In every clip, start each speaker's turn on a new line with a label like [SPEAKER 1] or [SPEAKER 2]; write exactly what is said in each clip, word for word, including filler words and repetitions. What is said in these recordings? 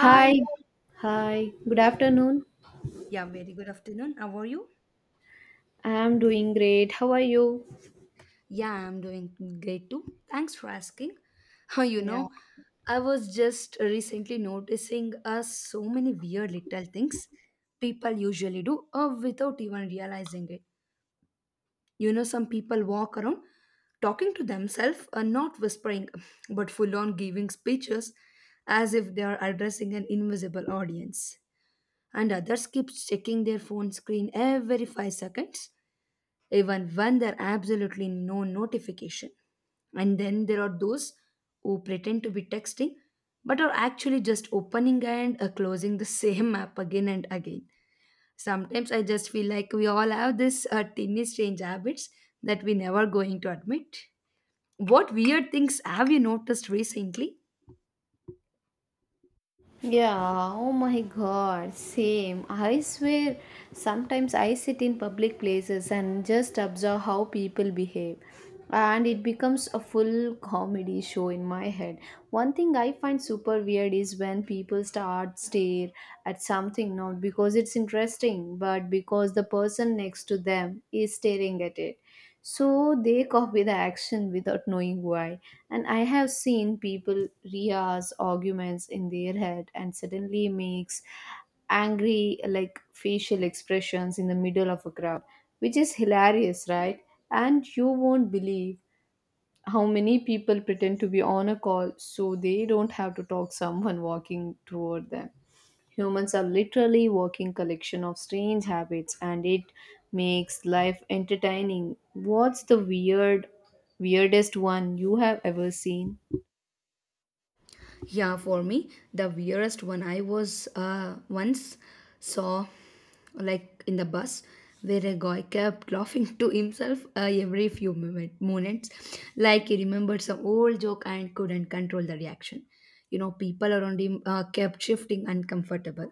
[SPEAKER 1] Hi, hi, good afternoon.
[SPEAKER 2] Yeah, very good afternoon. How are you?
[SPEAKER 1] I am doing great. How are you?
[SPEAKER 2] Yeah, I'm doing great too. Thanks for asking. You
[SPEAKER 1] Yeah.
[SPEAKER 2] know, I was just recently noticing uh, so many weird little things people usually do uh, without even realizing it. You know, some people walk around talking to themselves and not whispering, but full on giving speeches as if they are addressing an invisible audience. And others keep checking their phone screen every five seconds even when there are absolutely no notification. And then there are those who pretend to be texting but are actually just opening and uh, closing the same app again and again. Sometimes I just feel like we all have this uh, tiny strange habits that we never going to admit. What weird things have you noticed recently?
[SPEAKER 1] Yeah, oh my god, same. I swear, sometimes I sit in public places and just observe how people behave, and it becomes a full comedy show in my head. One thing I find super weird is when people start stare at something not because it's interesting, but because the person next to them is staring at it. So they copy the action without knowing why. And I have seen people rehearse arguments in their head and suddenly makes angry like facial expressions in the middle of a crowd, which is hilarious, right? And you won't believe how many people pretend to be on a call so they don't have to talk someone walking toward them. Humans are literally walking collection of strange habits and it makes life entertaining. What's the weird weirdest one you have ever seen?
[SPEAKER 2] Yeah, for me, the weirdest one I was uh, once saw, like in the bus, where a guy kept laughing to himself uh, every few moment, minutes, like he remembered some old joke and couldn't control the reaction. You know, people around him uh, kept shifting uncomfortable,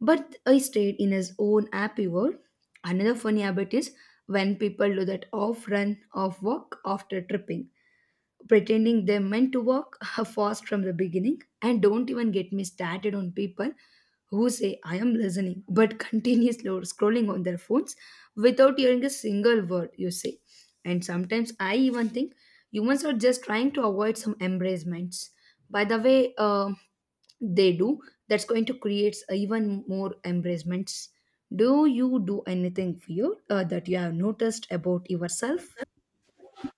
[SPEAKER 2] but he stayed in his own happy world. Another funny habit is when people do that off run, off walk after tripping pretending they're meant to walk fast from the beginning. And don't even get me started on people who say, I am listening, but continuously scrolling on their phones without hearing a single word you say. And sometimes I even think humans are just trying to avoid some embracements. By the way, uh, they do, that's going to create even more embracements. Do you do anything weird uh, that you have noticed about yourself?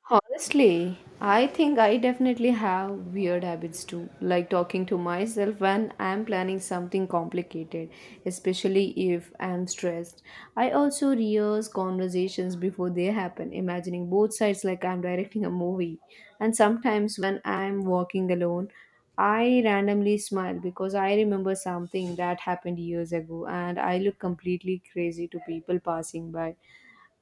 [SPEAKER 1] Honestly, I think I definitely have weird habits too, like talking to myself when I'm planning something complicated, especially if I'm stressed. I also rehearse conversations before they happen, imagining both sides like I'm directing a movie. And sometimes when I'm walking alone, I randomly smile because I remember something that happened years ago, and I look completely crazy to people passing by.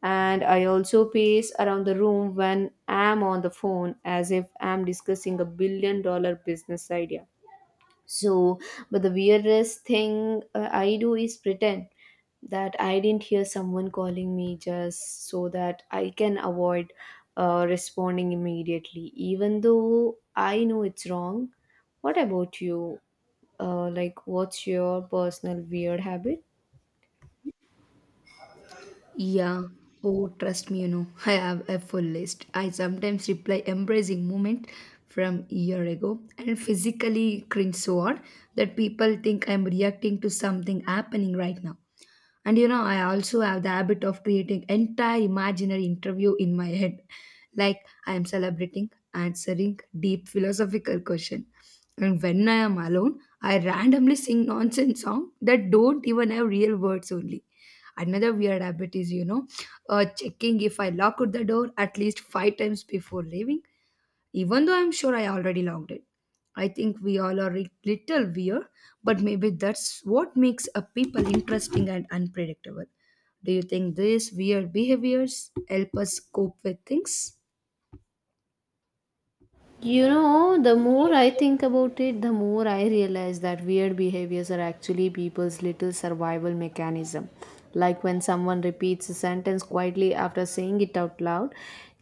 [SPEAKER 1] And I also pace around the room when I'm on the phone as if I'm discussing a billion dollar business idea. So, but the weirdest thing uh, I do is pretend that I didn't hear someone calling me, just so that I can avoid uh, responding immediately, even though I know it's wrong. What about you? Uh, like, what's your personal weird habit?
[SPEAKER 2] Yeah. Oh, trust me, you know, I have a full list. I sometimes reply embracing moment from a year ago and physically cringe so hard that people think I'm reacting to something happening right now. And you know, I also have the habit of creating entire imaginary interview in my head. Like I am celebrating, answering deep philosophical question. And when I am alone, I randomly sing nonsense song that don't even have real words only. Another weird habit is, you know, uh, checking if I lock the door at least five times before leaving even though I'm sure I already logged it. I think we all are a little weird, but maybe that's what makes a people interesting and unpredictable. Do you think these weird behaviors help us cope with things?
[SPEAKER 1] You know, the more I think about it, the more I realize that weird behaviors are actually people's little survival mechanism. Like when someone repeats a sentence quietly after saying it out loud,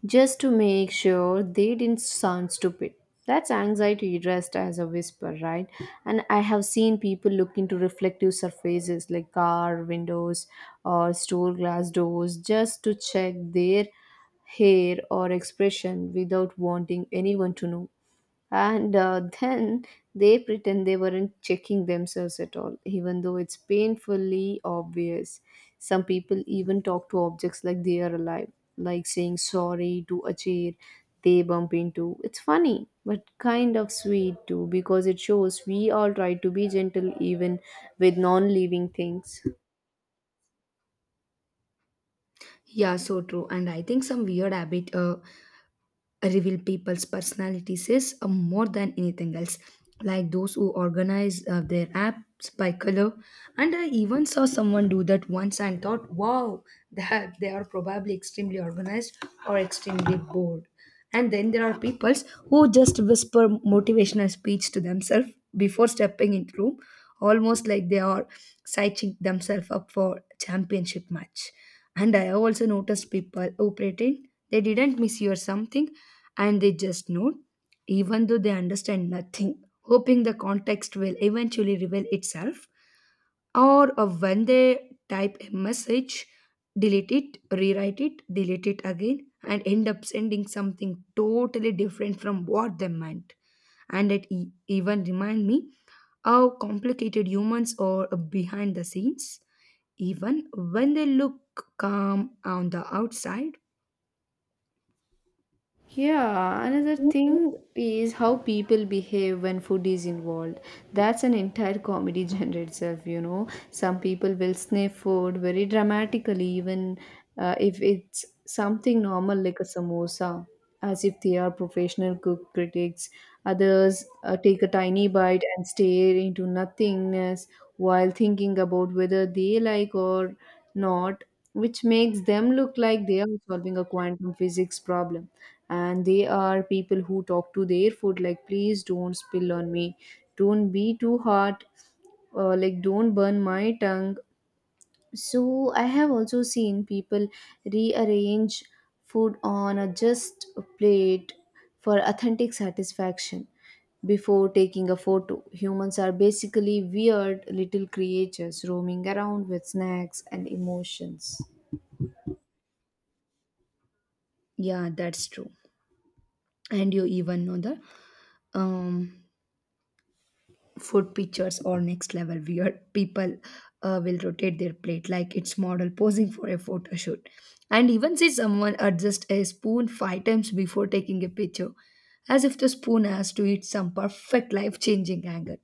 [SPEAKER 1] just to make sure they didn't sound stupid. That's anxiety dressed as a whisper, right? And I have seen people look into reflective surfaces like car windows or store glass doors just to check their hair or expression without wanting anyone to know. And uh, then they pretend they weren't checking themselves at all, even though it's painfully obvious. Some people even talk to objects like they are alive, like saying sorry to a chair they bump into. It's funny, but kind of sweet too, because it shows we all try to be gentle even with non living things.
[SPEAKER 2] Yeah, so true. And I think some weird habit uh, reveal people's personalities is uh, more than anything else. Like those who organize uh, their apps by color, and I even saw someone do that once and thought, "Wow, that they are probably extremely organized or extremely bored." And then there are peoples who just whisper motivational speech to themselves before stepping into room, almost like they are psyching themselves up for championship match. And I have also noticed people who pretend they didn't miss you or something and they just note, even though they understand nothing, hoping the context will eventually reveal itself. Or uh, when they type a message, delete it, rewrite it, delete it again, and end up sending something totally different from what they meant. And it e- even remind me how complicated humans are behind the scenes, even when they look calm on the outside.
[SPEAKER 1] Yeah, another thing is how people behave when food is involved. That's an entire comedy genre itself, you know. Some people will sniff food very dramatically, even uh, if it's something normal like a samosa, as if they are professional cook critics. Others uh, take a tiny bite and stare into nothingness while thinking about whether they like or not, which makes them look like they are solving a quantum physics problem. And they are people who talk to their food like please don't spill on me, don't be too hot, uh, like don't burn my tongue. So I have also seen people rearrange food on a just plate for authentic satisfaction before taking a photo. Humans are basically weird little creatures roaming around with snacks and emotions.
[SPEAKER 2] Yeah, that's true. And you even know the um food pictures or next level weird people uh, will rotate their plate like it's model posing for a photo shoot and even see someone adjust a spoon five times before taking a picture as if the spoon has to eat some perfect life-changing angle.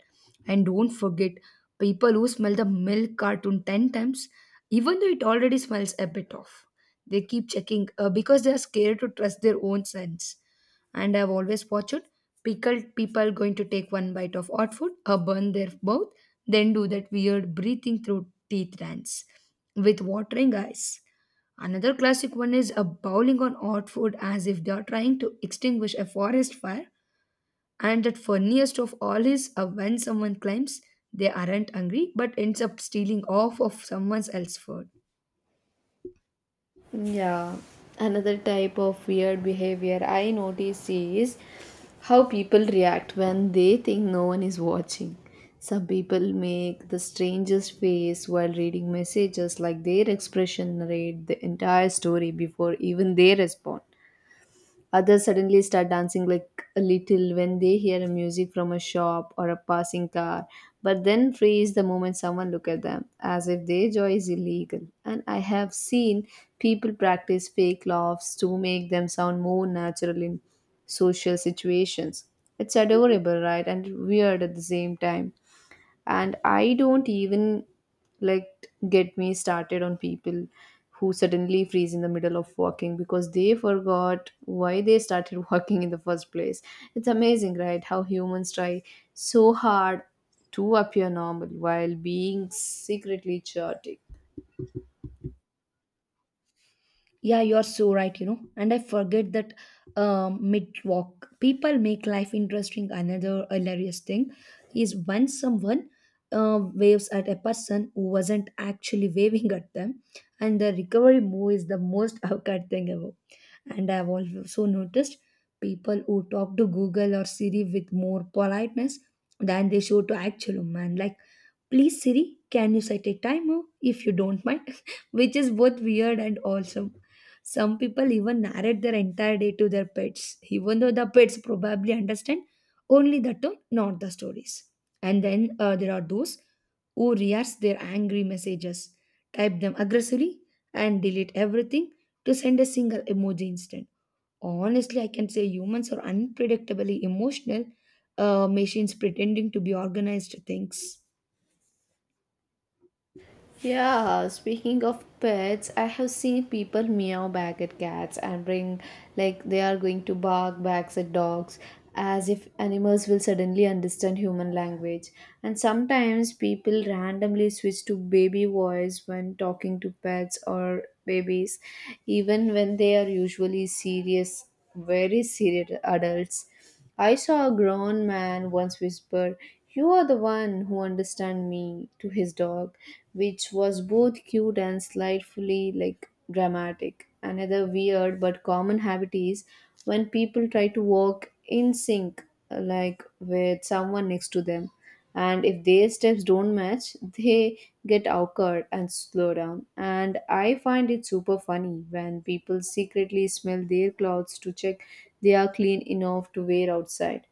[SPEAKER 2] And don't forget people who smell the milk cartoon ten times even though it already smells a bit off. They keep checking uh, because they are scared to trust their own sense. And I've always watched pickled people going to take one bite of hot food or burn their mouth, then do that weird breathing through teeth dance with watering eyes. Another classic one is a bowling on hot food as if they are trying to extinguish a forest fire. And that funniest of all is uh, when someone claims they aren't hungry but ends up stealing off of someone else's food.
[SPEAKER 1] Yeah, another type of weird behavior I notice is how people react when they think no one is watching. Some people make the strangest face while reading messages, like their expression narrate the entire story before even they respond. Others suddenly start dancing like a little when they hear a music from a shop or a passing car, but then freeze the moment someone look at them, as if their joy is illegal. And I have seen people practice fake laughs to make them sound more natural in social situations. It's adorable, right? And weird at the same time. And I don't even like get me started on people who suddenly freeze in the middle of walking because they forgot why they started walking in the first place. It's amazing, right, how humans try so hard to appear normal while being secretly chaotic.
[SPEAKER 2] Yeah, you're so right, you know. And I forget that um, mid walk. People make life interesting. Another hilarious thing is when someone uh, waves at a person who wasn't actually waving at them, and the recovery move is the most awkward thing ever. And I've also noticed people who talk to Google or Siri with more politeness than they show to actual man. Like please, Siri, can you set a timer if you don't mind? Which is both weird and awesome. Some people even narrate their entire day to their pets, even though the pets probably understand only the tone, not the stories. And then uh, there are those who rehearse their angry messages, type them aggressively, and delete everything to send a single emoji instead. Honestly, I can say humans are unpredictably emotional uh, machines pretending to be organized things.
[SPEAKER 1] Yeah, speaking of pets, I have seen people meow back at cats and bring like they are going to bark back at dogs, as if animals will suddenly understand human language. And sometimes people randomly switch to baby voice when talking to pets or babies, even when they are usually serious, very serious adults. I saw a grown man once whisper, "You are the one who understands me" to his dog, which was both cute and slightly like dramatic. Another weird but common habit is when people try to walk in sync, like with someone next to them, and if their steps don't match they get awkward and slow down. And I find it super funny when people secretly smell their clothes to check they are clean enough to wear outside.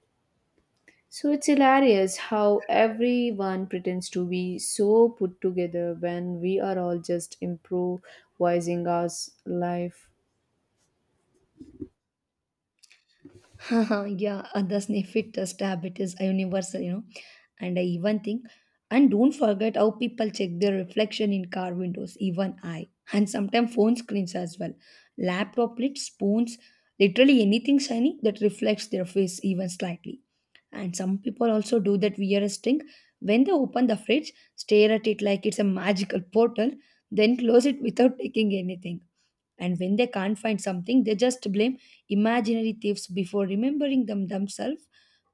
[SPEAKER 1] So it's hilarious how everyone pretends to be so put together when we are all just improvising our s- life.
[SPEAKER 2] Yeah, uh, the sniff it test habit is universal, you know. And I even think, and don't forget how people check their reflection in car windows, even I, and sometimes phone screens as well. Laptop lids, spoons, literally anything shiny that reflects their face even slightly. And some people also do that weirdest thing when they open the fridge, stare at it like it's a magical portal, then close it without taking anything. And when they can't find something, they just blame imaginary thieves before remembering them themselves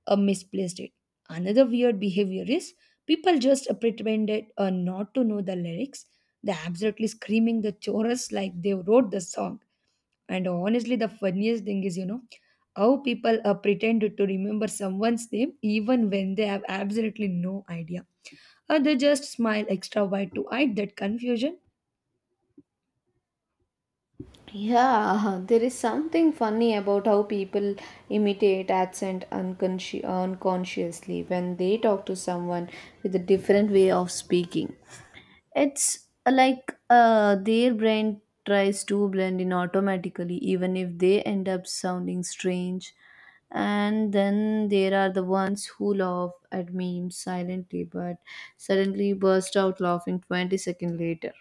[SPEAKER 2] uh, misplaced it. Another weird behavior is people just pretended uh, not to know the lyrics. They're absolutely screaming the chorus like they wrote the song. And honestly, the funniest thing is, you know, how people uh, pretend to remember someone's name even when they have absolutely no idea. Or they just smile extra wide to hide that confusion.
[SPEAKER 1] Yeah, there is something funny about how people imitate accent unconsci- unconsciously when they talk to someone with a different way of speaking. It's uh, like uh, their brain tries to blend in automatically, even if they end up sounding strange. And then there are the ones who laugh at memes silently but suddenly burst out laughing twenty seconds later,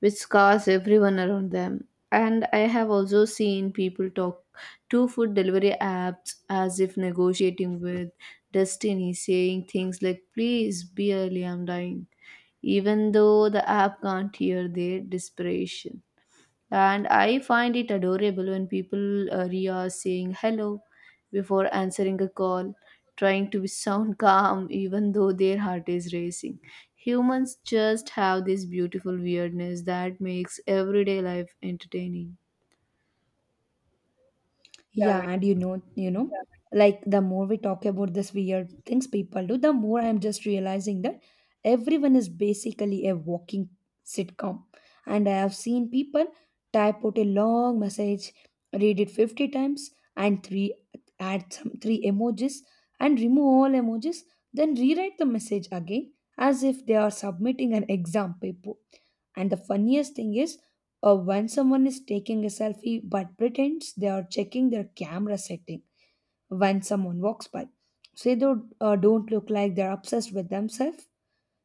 [SPEAKER 1] which scars everyone around them. And I have also seen people talk to food delivery apps as if negotiating with destiny, saying things like, "Please be early, I'm dying," even though the app can't hear their desperation. And I find it adorable when people uh, are saying hello before answering a call, trying to sound calm even though their heart is racing. Humans just have this beautiful weirdness that makes everyday life entertaining.
[SPEAKER 2] Yeah, and you know, you know, Yeah. like the more we talk about this weird things people do, the more I'm just realizing that everyone is basically a walking sitcom. And I have seen people type out a long message, read it fifty times, and three add some three emojis and remove all emojis, then rewrite the message again as if they are submitting an exam paper. And the funniest thing is uh, when someone is taking a selfie but pretends they are checking their camera setting when someone walks by. So they don't, uh, don't look like they're obsessed with themselves.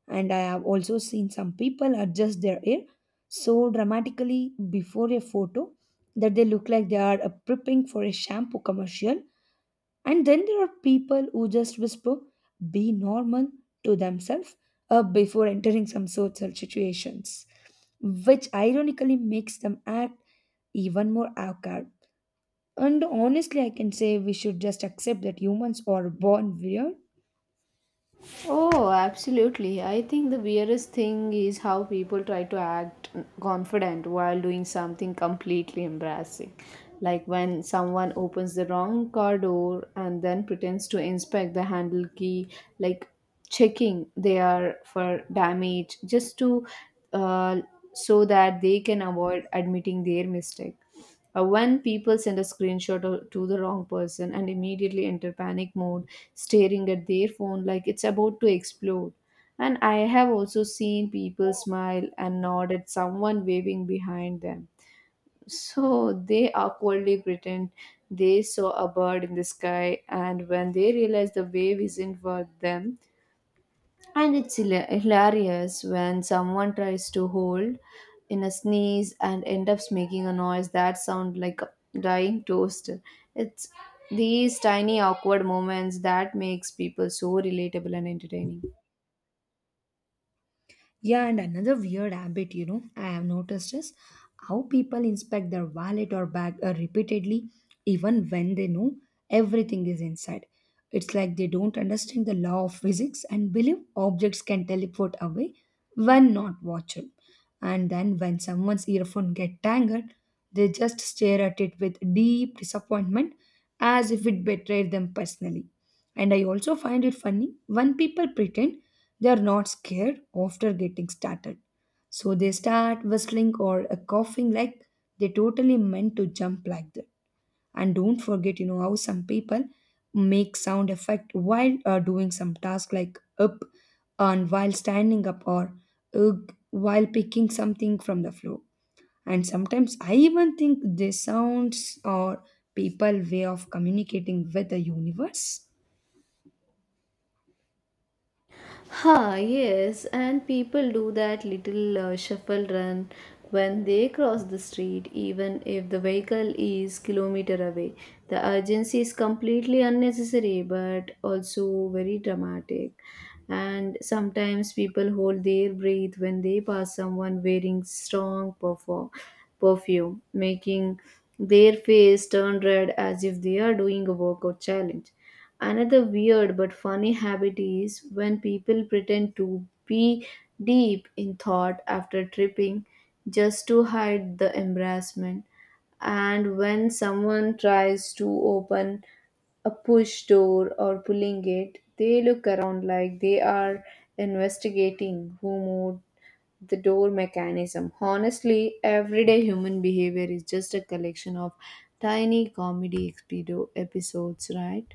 [SPEAKER 2] And I have also seen some people adjust their hair so dramatically before a photo that they look like they are uh, prepping for a shampoo commercial. And then there are people who just whisper, be normal to themselves uh, before entering some social situations which ironically makes them act even more awkward. And honestly, I can say we should just accept that humans are born weird.
[SPEAKER 1] Oh, absolutely. I think the weirdest thing is how people try to act confident while doing something completely embarrassing. Like when someone opens the wrong car door and then pretends to inspect the handle key, like checking they are for damage just to uh, so that they can avoid admitting their mistake. Uh, when people send a screenshot o- to the wrong person and immediately enter panic mode staring at their phone like it's about to explode. And I have also seen people smile and nod at someone waving behind them. So they awkwardly pretend they saw a bird in the sky, and when they realize the wave isn't for them, and it's hila- hilarious when someone tries to hold in a sneeze and end up making a noise that sounds like a dying toast. It's these tiny awkward moments that makes people so relatable and entertaining.
[SPEAKER 2] Yeah, and another weird habit, you know, I have noticed is how people inspect their wallet or bag uh, repeatedly, even when they know everything is inside. It's like they don't understand the law of physics and believe objects can teleport away when not watched. And then when someone's earphone get tangled, they just stare at it with deep disappointment as if it betrayed them personally. And I also find it funny when people pretend they are not scared after getting started. So they start whistling or uh, coughing like they totally meant to jump like that. And don't forget, you know, how some people make sound effect while uh, doing some task like up and while standing up or ugh while picking something from the floor. And sometimes I even think these sounds are people way of communicating with the universe.
[SPEAKER 1] Ha, yes, and people do that little uh, shuffle run when they cross the street, even if the vehicle is kilometer away. The urgency is completely unnecessary, but also very dramatic. And sometimes people hold their breath when they pass someone wearing strong perfume, perfume, making their face turn red as if they are doing a workout challenge. Another weird but funny habit is when people pretend to be deep in thought after tripping just to hide the embarrassment. And when someone tries to open a push door or pulling it, they look around like they are investigating who moved the door mechanism. Honestly, everyday human behavior is just a collection of tiny comedy expedo- episodes, right?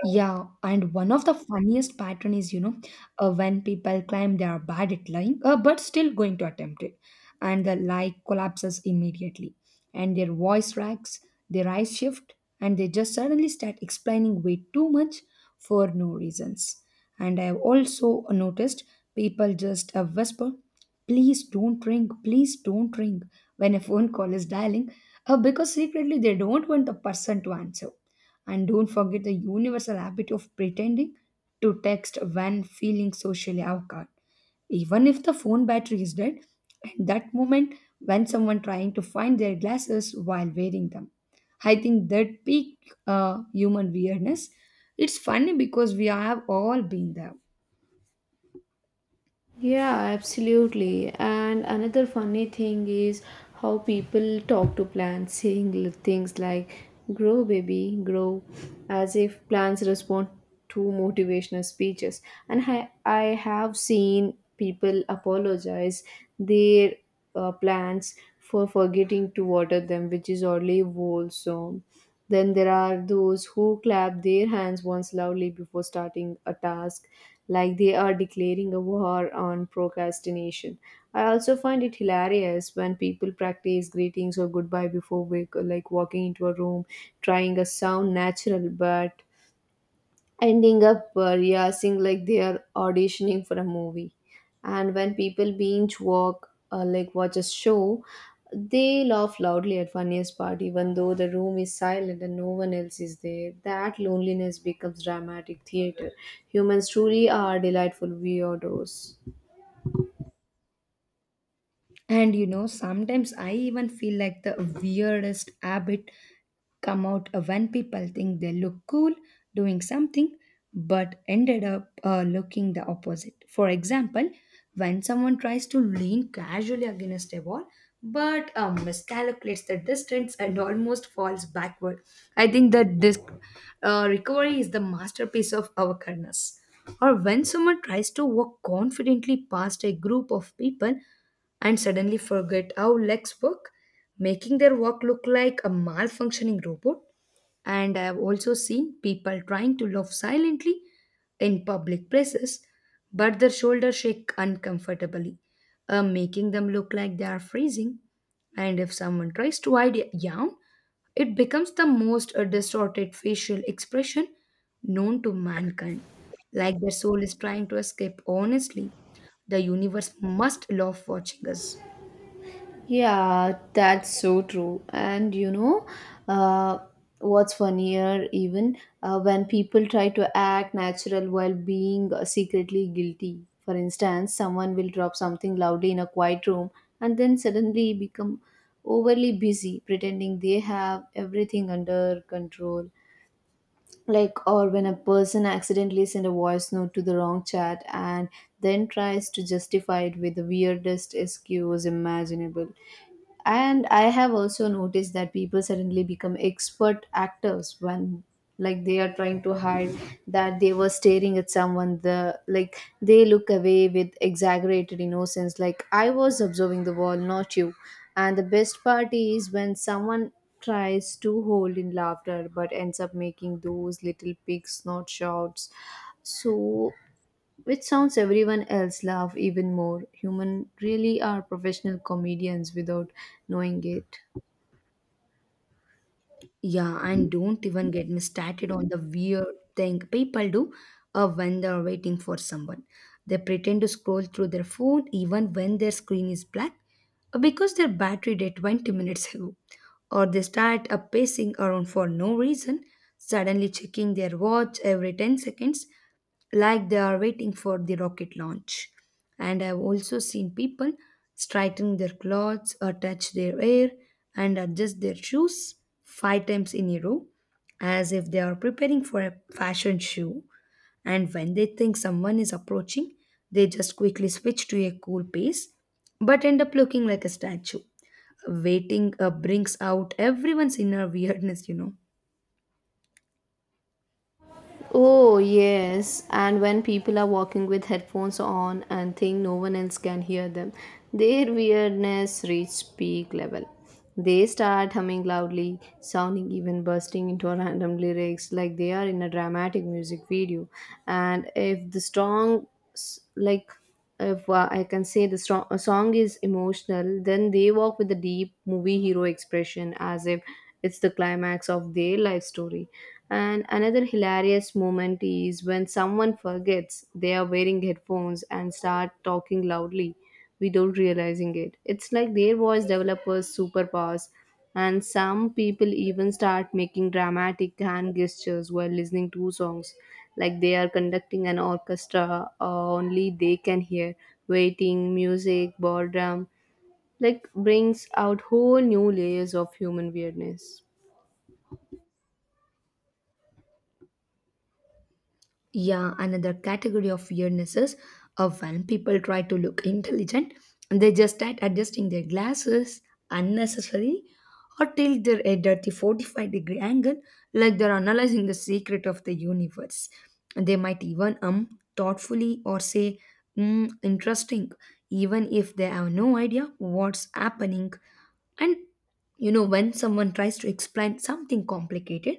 [SPEAKER 2] Yeah, and one of the funniest pattern is you know uh, when people claim they are bad at lying, uh, but still going to attempt it, and the lie collapses immediately, and their voice cracks, their eyes shift, and they just suddenly start explaining way too much for no reasons. And I have also noticed people just uh, whisper, "Please don't ring, please don't ring," when a phone call is dialing, uh, because secretly they don't want the person to answer. And don't forget the universal habit of pretending to text when feeling socially awkward. Even if the phone battery is dead, and that moment when someone trying to find their glasses while wearing them. I think that peak uh, human weirdness. It's funny because we have all been there.
[SPEAKER 1] Yeah, absolutely. And another funny thing is how people talk to plants, saying li- things like grow, baby, grow, as if plants respond to motivational speeches. And I, I have seen people apologize. Their uh, plants for forgetting to water them, which is oddly wholesome. Then there are those who clap their hands once loudly before starting a task, like they are declaring a war on procrastination. I also find it hilarious when people practice greetings or goodbye before wake, like walking into a room, trying a sound natural but ending up uh, rehearsing like they are auditioning for a movie. And when people binge walk uh, like watch a show, they laugh loudly at funniest part even though the room is silent and no one else is there. That loneliness becomes dramatic theater. Humans truly are delightful weirdos.
[SPEAKER 2] And you know, sometimes I even feel like the weirdest habit come out when people think they look cool doing something but ended up uh, looking the opposite. For example, when someone tries to lean casually against a wall but um, miscalculates the distance and almost falls backward. I think that this uh, recovery is the masterpiece of awareness. Or when someone tries to walk confidently past a group of people and suddenly forget how legs work, making their walk look like a malfunctioning robot. And I have also seen people trying to laugh silently in public places, but their shoulders shake uncomfortably, uh, making them look like they are freezing. And if someone tries to hide a yawn, it becomes the most uh, distorted facial expression known to mankind. Like their soul is trying to escape. Honestly, the universe must love watching us.
[SPEAKER 1] Yeah, that's so true. And you know, uh, what's funnier, even uh, when people try to act natural while being uh, secretly guilty. For instance, someone will drop something loudly in a quiet room and then suddenly become overly busy pretending they have everything under control. Like, or when a person accidentally sent a voice note to the wrong chat and then tries to justify it with the weirdest excuse imaginable. And I have also noticed that people suddenly become expert actors when, like, they are trying to hide that they were staring at someone. The like they look away with exaggerated innocence like I was observing the wall, not you. And the best part is when someone tries to hold in laughter but ends up making those little pig snort shouts, so which sounds everyone else laugh even more. Human really are professional comedians without knowing it.
[SPEAKER 2] Yeah, and don't even get me started on the weird thing people do uh, when they're waiting for someone. They pretend to scroll through their phone even when their screen is black uh, because their battery died twenty minutes ago, or they start up pacing around for no reason, suddenly checking their watch every ten seconds like they are waiting for the rocket launch. And I've also seen people straighten their clothes or touch their hair and adjust their shoes five times in a row as if they are preparing for a fashion show. And when they think someone is approaching, they just quickly switch to a cool pace but end up looking like a statue. Waiting uh, brings out everyone's inner weirdness, you know.
[SPEAKER 1] Oh, yes. And when people are walking with headphones on and think no one else can hear them, their weirdness reaches peak level. They start humming loudly, sounding even bursting into random lyrics like they are in a dramatic music video. And if the strong, s- like if uh, I can say the strong, a song is emotional, then they walk with a deep movie hero expression as if it's the climax of their life story. And another hilarious moment is when someone forgets they are wearing headphones and start talking loudly without realizing it. It's like their voice developers superpowers, and some people even start making dramatic hand gestures while listening to songs like they are conducting an orchestra uh, only they can hear. Waiting music ballroom like brings out whole new layers of human weirdness.
[SPEAKER 2] Yeah, another category of weirdness is uh, when people try to look intelligent. They just start adjusting their glasses unnecessarily or tilt their head at the forty-five degree angle like they're analyzing the secret of the universe. They might even um thoughtfully or say, mm, interesting, even if they have no idea what's happening. And you know, when someone tries to explain something complicated,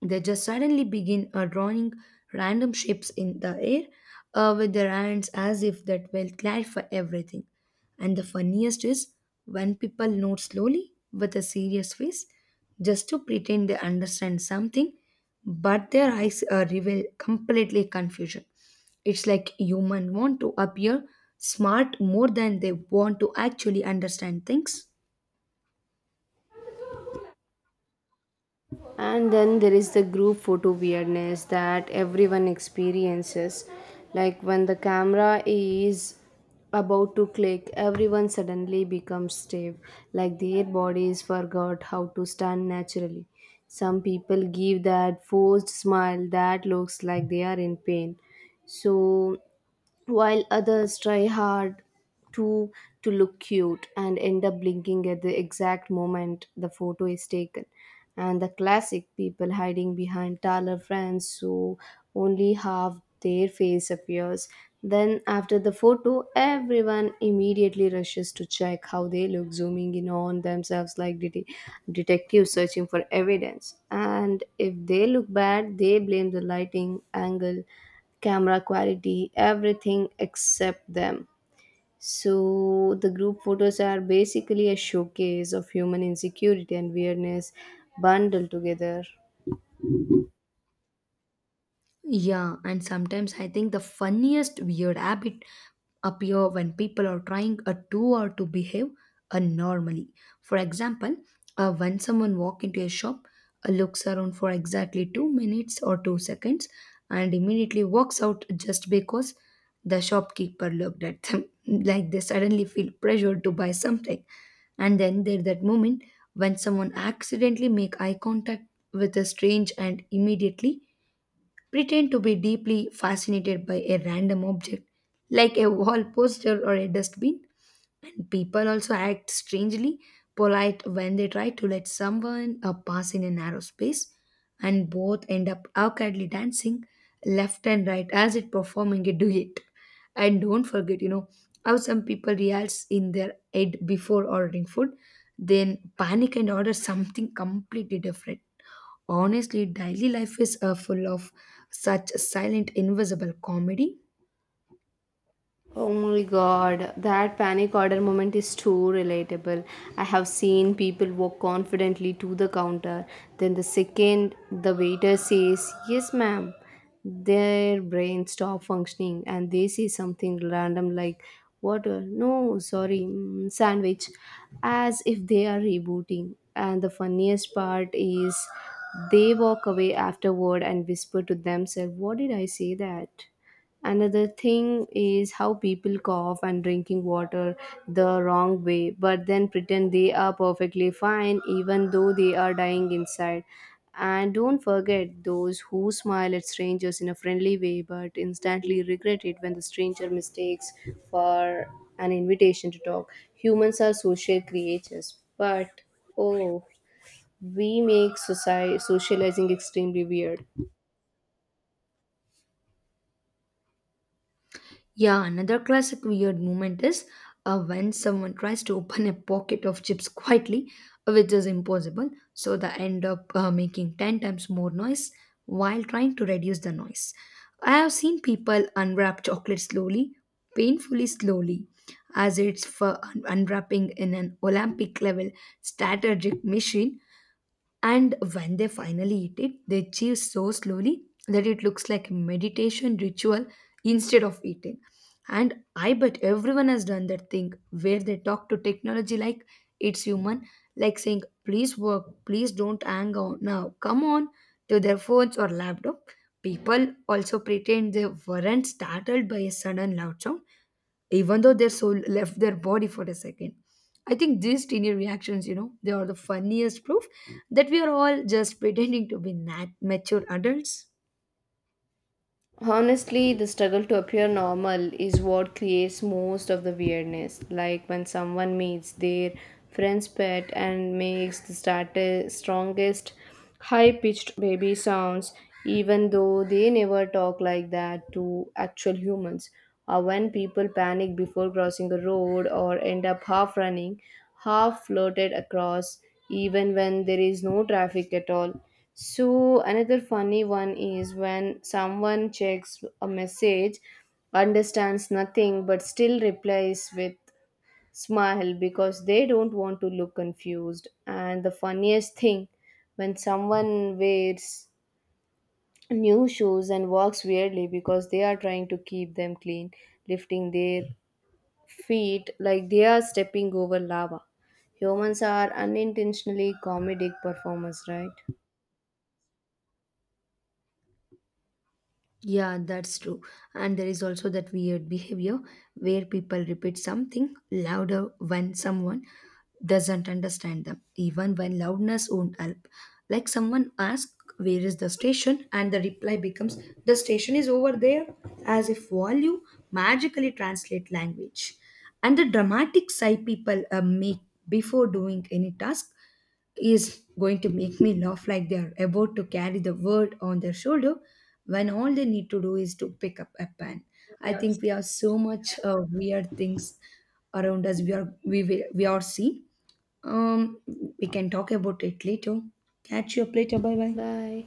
[SPEAKER 2] they just suddenly begin uh, drawing random shapes in the air uh, with their hands as if that will clarify everything. And the funniest is when people note slowly with a serious face just to pretend they understand something, but their eyes uh, reveal completely confusion. It's like humans want to appear smart more than they want to actually understand things.
[SPEAKER 1] And then there is the group photo weirdness that everyone experiences, like when the camera is about to click, everyone suddenly becomes stiff like their bodies forgot how to stand naturally. Some people give that forced smile that looks like they are in pain, so while others try hard to to look cute and end up blinking at the exact moment the photo is taken. And the classic people hiding behind taller frames, so only half their face appears. Then after the photo, everyone immediately rushes to check how they look, zooming in on themselves like det- detectives searching for evidence, and if they look bad, they blame the lighting, angle, camera quality, everything except them. So the group photos are basically a showcase of human insecurity and weirdness bundled together.
[SPEAKER 2] Yeah, and sometimes I think the funniest weird habit appear when people are trying a to or to behave normally. For example, uh, when someone walk into a shop, uh, looks around for exactly two minutes or two seconds, and immediately walks out just because the shopkeeper looked at them. Like they suddenly feel pressured to buy something. And then there's that moment when someone accidentally make eye contact with a strange and immediately pretend to be deeply fascinated by a random object, like a wall poster or a dustbin. People also act strangely polite when they try to let someone uh, pass in a narrow space, and both end up awkwardly dancing left and right as if performing a duet. And don't forget, you know, how some people rehearse in their head before ordering food, then panic and order something completely different. Honestly, daily life is uh, full of such silent, invisible comedy.
[SPEAKER 1] Oh my god, that panic order moment is too relatable. I have seen people walk confidently to the counter, then the second the waiter says, "Yes, ma'am," their brain stop functioning and they say something random like, "Water, no, sorry, mm, sandwich," as if they are rebooting. And the funniest part is they walk away afterward and whisper to themselves, "What did I say that?" Another thing is how people cough and drinking water the wrong way, but then pretend they are perfectly fine even though they are dying inside. And don't forget those who smile at strangers in a friendly way but instantly regret it when the stranger mistakes for an invitation to talk. Humans are social creatures, but oh, we make society socializing extremely weird.
[SPEAKER 2] Yeah, another classic weird moment is uh, when someone tries to open a pocket of chips quietly, which is impossible, so they end up uh, making ten times more noise while trying to reduce the noise. I have seen people unwrap chocolate slowly, painfully slowly, as it's for un- unwrapping in an Olympic level strategic machine. And when they finally eat it, they chew so slowly that it looks like a meditation ritual instead of eating. And I bet everyone has done that thing where they talk to technology like it's human, like saying, please work, please don't hang on now, come on, to their phones or laptop. People also pretend they weren't startled by a sudden loud sound even though their soul left their body for a second. I think these teeny reactions, you know, they are the funniest proof that we are all just pretending to be nat- mature adults.
[SPEAKER 1] Honestly, the struggle to appear normal is what creates most of the weirdness. Like when someone meets their friend's pet and makes the start strongest high pitched baby sounds, even though they never talk like that to actual humans. Or when people panic before crossing a road or end up half running, half floated across even when there is no traffic at all. So, another funny one is when someone checks a message, understands nothing, but still replies with smile because they don't want to look confused. And the funniest thing when someone wears new shoes and walks weirdly because they are trying to keep them clean, lifting their feet like they are stepping over lava. Humans are unintentionally comedic performers, right?
[SPEAKER 2] Yeah, that's true. And there is also that weird behavior where people repeat something louder when someone doesn't understand them, even when loudness won't help. Like someone asks, "Where is the station?" and the reply becomes, "The station is over there," as if volume magically translate language. And the dramatic sigh people uh, make before doing any task is going to make me laugh, like they are about to carry the world on their shoulder when all they need to do is to pick up a pen. I
[SPEAKER 1] Yes.
[SPEAKER 2] think we have so much uh, weird things around us. We are we will- we are seeing. Um, we can talk about it later. Catch you up later. Bye bye.
[SPEAKER 1] Bye.